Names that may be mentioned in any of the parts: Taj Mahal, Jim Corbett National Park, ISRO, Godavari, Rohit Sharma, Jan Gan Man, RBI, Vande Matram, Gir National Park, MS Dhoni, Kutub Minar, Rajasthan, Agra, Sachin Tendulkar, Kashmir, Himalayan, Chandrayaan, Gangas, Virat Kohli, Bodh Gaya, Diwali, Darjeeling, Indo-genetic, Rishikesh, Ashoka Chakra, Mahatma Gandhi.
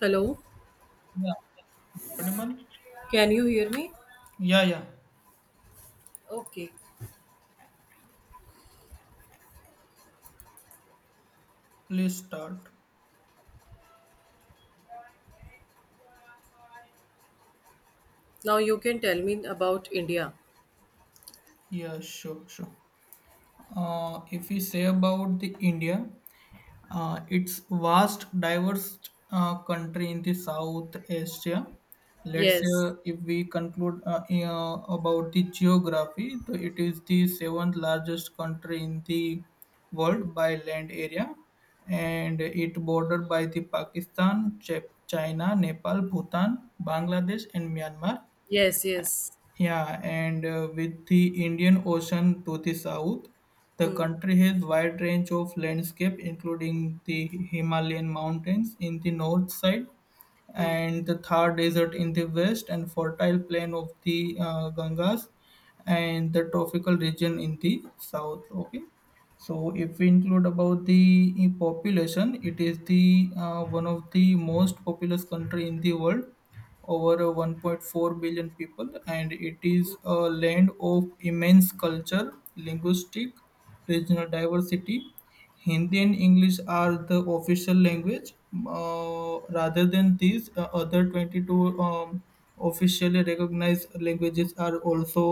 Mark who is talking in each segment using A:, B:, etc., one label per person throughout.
A: Hello,
B: Yeah. Audible?
A: can you hear me?
B: Yeah, yeah.
A: Okay,
B: Please start.
A: now you can tell me about India.
B: Yeah, sure, sure. If we say about the India, it's vast, diverse country in the South Asia. Let's say
A: Yes,
B: if we conclude about the geography, so it is the seventh largest country in the world by land area, and it bordered by the Pakistan, China, Nepal, Bhutan, Bangladesh, and Myanmar.
A: yes, yes.
B: Yeah, and with the Indian Ocean to the south, the
A: Hmm.
B: country has wide range of landscape, including the Himalayan mountains in the north side,
A: Hmm.
B: and the Thar Desert in the west, and fertile plain of the Gangas, and the tropical region in the south. Okay, so if we include about the population, it is the one of the most populous country in the world over 1.4 billion people, and it is a land of immense culture, linguistic, regional diversity. Hindi and English are the official language. Rather than these other 22 um, officially recognized languages are also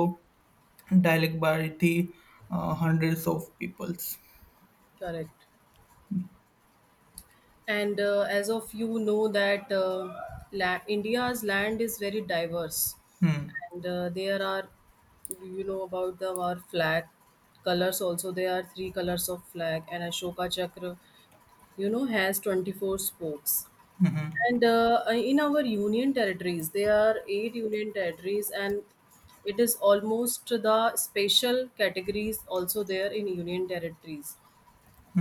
B: dialect by the hundreds of peoples.
A: Correct. And as of you know that India's land is very diverse,
B: Hmm.
A: and you know about the our flag colors also. There are three colors of flag, and Ashoka Chakra has 24 spokes. And in our union territories, there are eight union territories, and it is almost the special categories also there in union territories.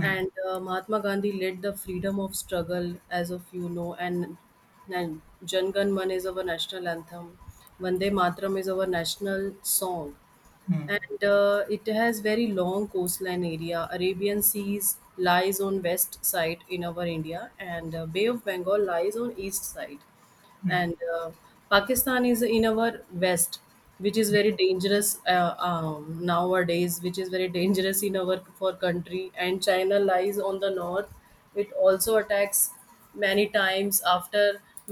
A: And Mahatma Gandhi led the freedom of struggle, as of you know, and Jan Gan Man is our national anthem. Vande Matram is our national song,
B: Hmm. Hmm.
A: and it has very long coastline area. Arabian seas lies on west side in our India, and bay of Bengal lies on east side,
B: Hmm.
A: and Pakistan is in our west, which is very dangerous nowadays, which is very dangerous in our for country. And China lies on the north. It also attacks many times after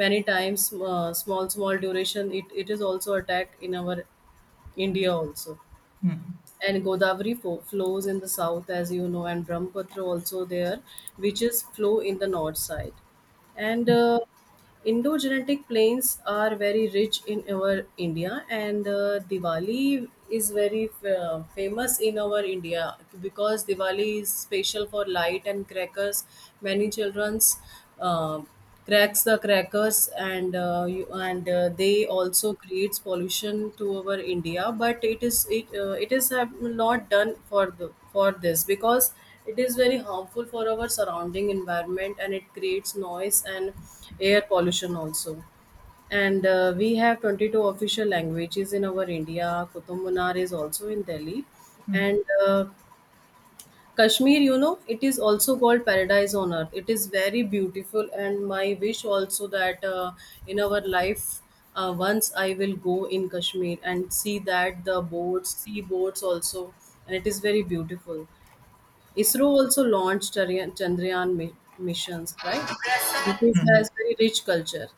A: many times small small duration. It is also attacked in our India also. And Godavari flows in the south, as you know, and Brahmaputra also there, which is flow in the north side. And Indo-genetic plains are very rich in our India, and Diwali is very famous in our India because Diwali is special for light and crackers. Many childrens. Uh, Cracks the crackers and they also creates pollution to our India, but it is have not done for this because it is very harmful for our surrounding environment and it creates noise and air pollution also. And we have 22 official languages in our India. Kutub Minar is also in Delhi.
B: Hmm.
A: And Kashmir it is also called paradise on earth. It is very beautiful, and my wish also that in our life, once I will go in Kashmir and see that the boats, sea boats also, and it is very beautiful. ISRO also launched Chandrayaan missions, right? This
B: Hmm.
A: has very rich culture,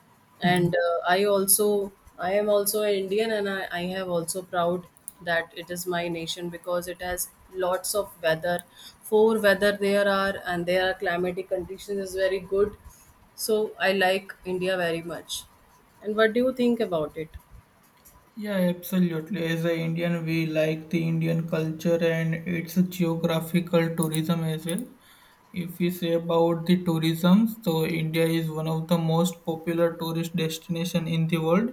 B: Hmm.
A: and I am also an Indian, and I have also proud that it is my nation because it has lots of weather. Four weather there are, and their climatic conditions is very good. So I like India very much. And what do you think about it?
B: Yeah, absolutely. As an Indian, we like the Indian culture and its geographical tourism as well. If we say about the tourism, so India is one of the most popular tourist destination in the world,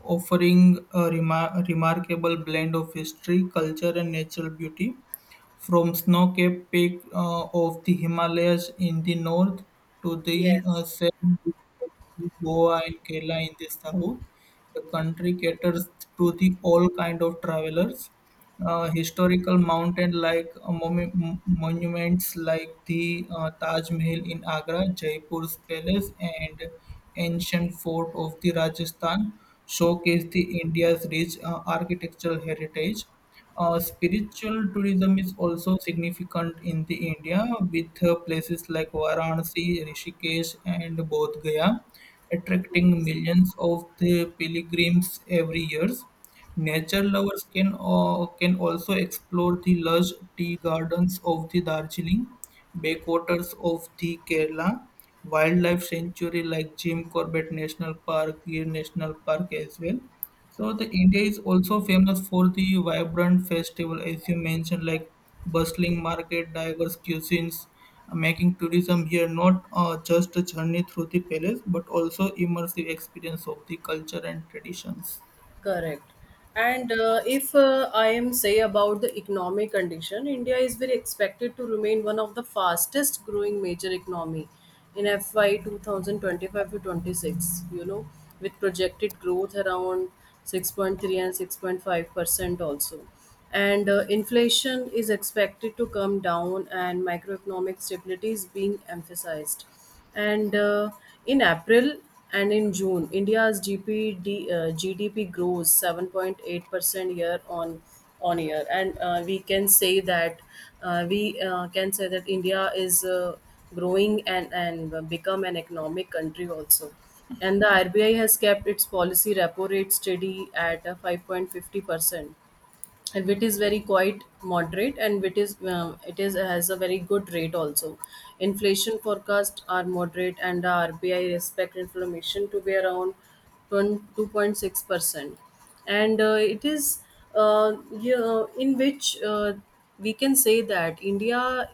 B: offering a remarkable blend of history, culture, and natural beauty from snow-capped peak of the Himalayas in the north to the
A: Yes,
B: southern peak of Goa and Kerala in the south. The country caters to the all kind of travelers, historical mountain like monuments like the Taj Mahal in Agra, Jaipur's palace, and ancient fort of the Rajasthan showcase the India's rich architectural heritage. Spiritual tourism is also significant in the India, with places like Varanasi, Rishikesh, and Bodh Gaya attracting
A: yes,
B: millions of the pilgrims every year. Nature lovers can also explore the lush tea gardens of the Darjeeling, backwaters of the Kerala, wildlife sanctuary like Jim Corbett National Park, Gir National Park as well. So the India is also famous for the vibrant festival, as you mentioned, like bustling market, diverse cuisines, making tourism
A: yes.
B: here not just a journey through the palace, but also immersive experience of the culture and traditions.
A: Correct. And if I am say about the economic condition, India is very expected to remain one of the fastest growing major economy in FY 2025 to 26 with projected growth around 6.3 and 6.5% also. And inflation is expected to come down and macroeconomic stability is being emphasized. And in April and in June, India's GDP grows 7.8% year on year. And we can say that India is growing, and become an economic country also. And the RBI has kept its policy repo rate steady at 5.50%, and wit is very quite moderate, and wit is it is has a very good rate also. Inflation forecast are moderate, and the RBI expect inflation to be around 2.6%. And it is yeah, in which we can say that India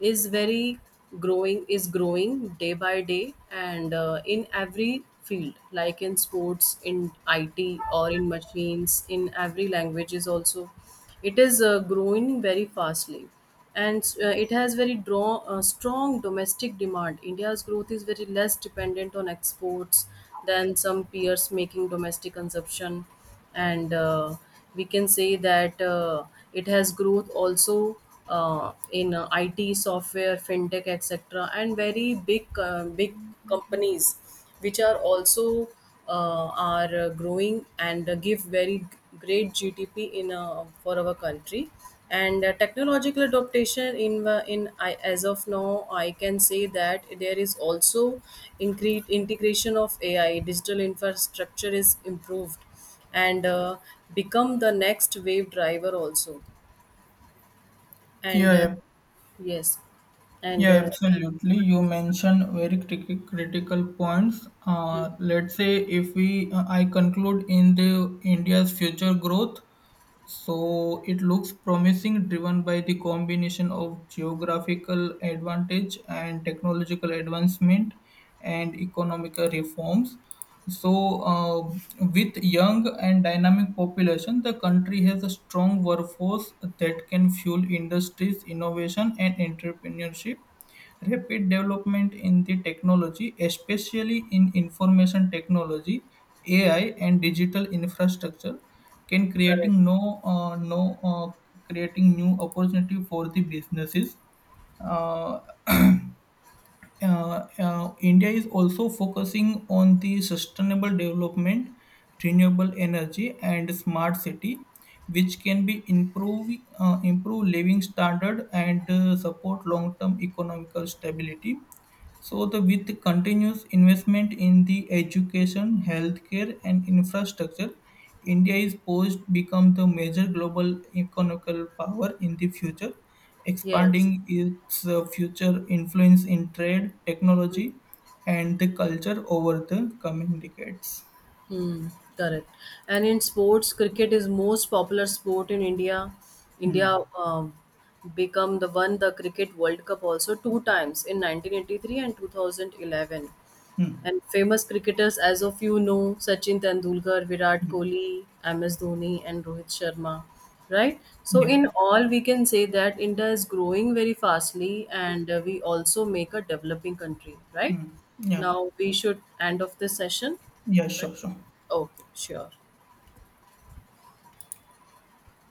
A: is very is growing day by day. And in every field like in sports, in IT, or in machines, in every language is also, it is growing very fastly. And it has very strong domestic demand. India's growth is very less dependent on exports than some peers making domestic consumption. And we can say that it has growth also in IT software, fintech, etc., and very big companies which are growing and give very great GDP in for our country. And technological adaptation in the- in I, as of now, I can say that there is also increased integration of AI. Digital infrastructure is improved, and become the next wave driver also. and
B: Yeah,
A: uh,
B: yeah,
A: yes. and
B: Yeah,
A: uh,
B: absolutely. You mentioned very critical points. Let's say if we, I conclude in the India's future growth. So it looks promising, driven by the combination of geographical advantage and technological advancement and economical reforms. So, uh, with young and dynamic population, the country has a strong workforce that can fuel industries, innovation, and entrepreneurship. Rapid development in the technology, especially in information technology, AI, and digital infrastructure, can
A: correct.
B: creating no no creating new opportunity for the businesses. Uh, India is also focusing on the sustainable development, renewable energy, and smart city, which can be improve improve living standard and support long term economical stability. So, the with continuous investment in the education, healthcare, and infrastructure, India is poised to become the major global economical power in the future,
A: Yes.
B: expanding its future influence in trade, technology, and the culture over the coming decades.
A: Hmm. Correct. And in sports cricket is most popular sport in India. India
B: Hmm.
A: um, become the cricket world cup also two times in 1983 and 2011.
B: Hmm.
A: And famous cricketers, as of you know, Sachin Tendulkar, Virat
B: Hmm.
A: Kohli, MS Dhoni, and Rohit Sharma, right? So,
B: Yeah.
A: in all, we can say that India is growing very fastly, and we also make a developing country, right?
B: Hmm. Yeah.
A: Now, we should end of this session,
B: Yeah.
A: right?
B: Sure. Sure.
A: Okay, sure.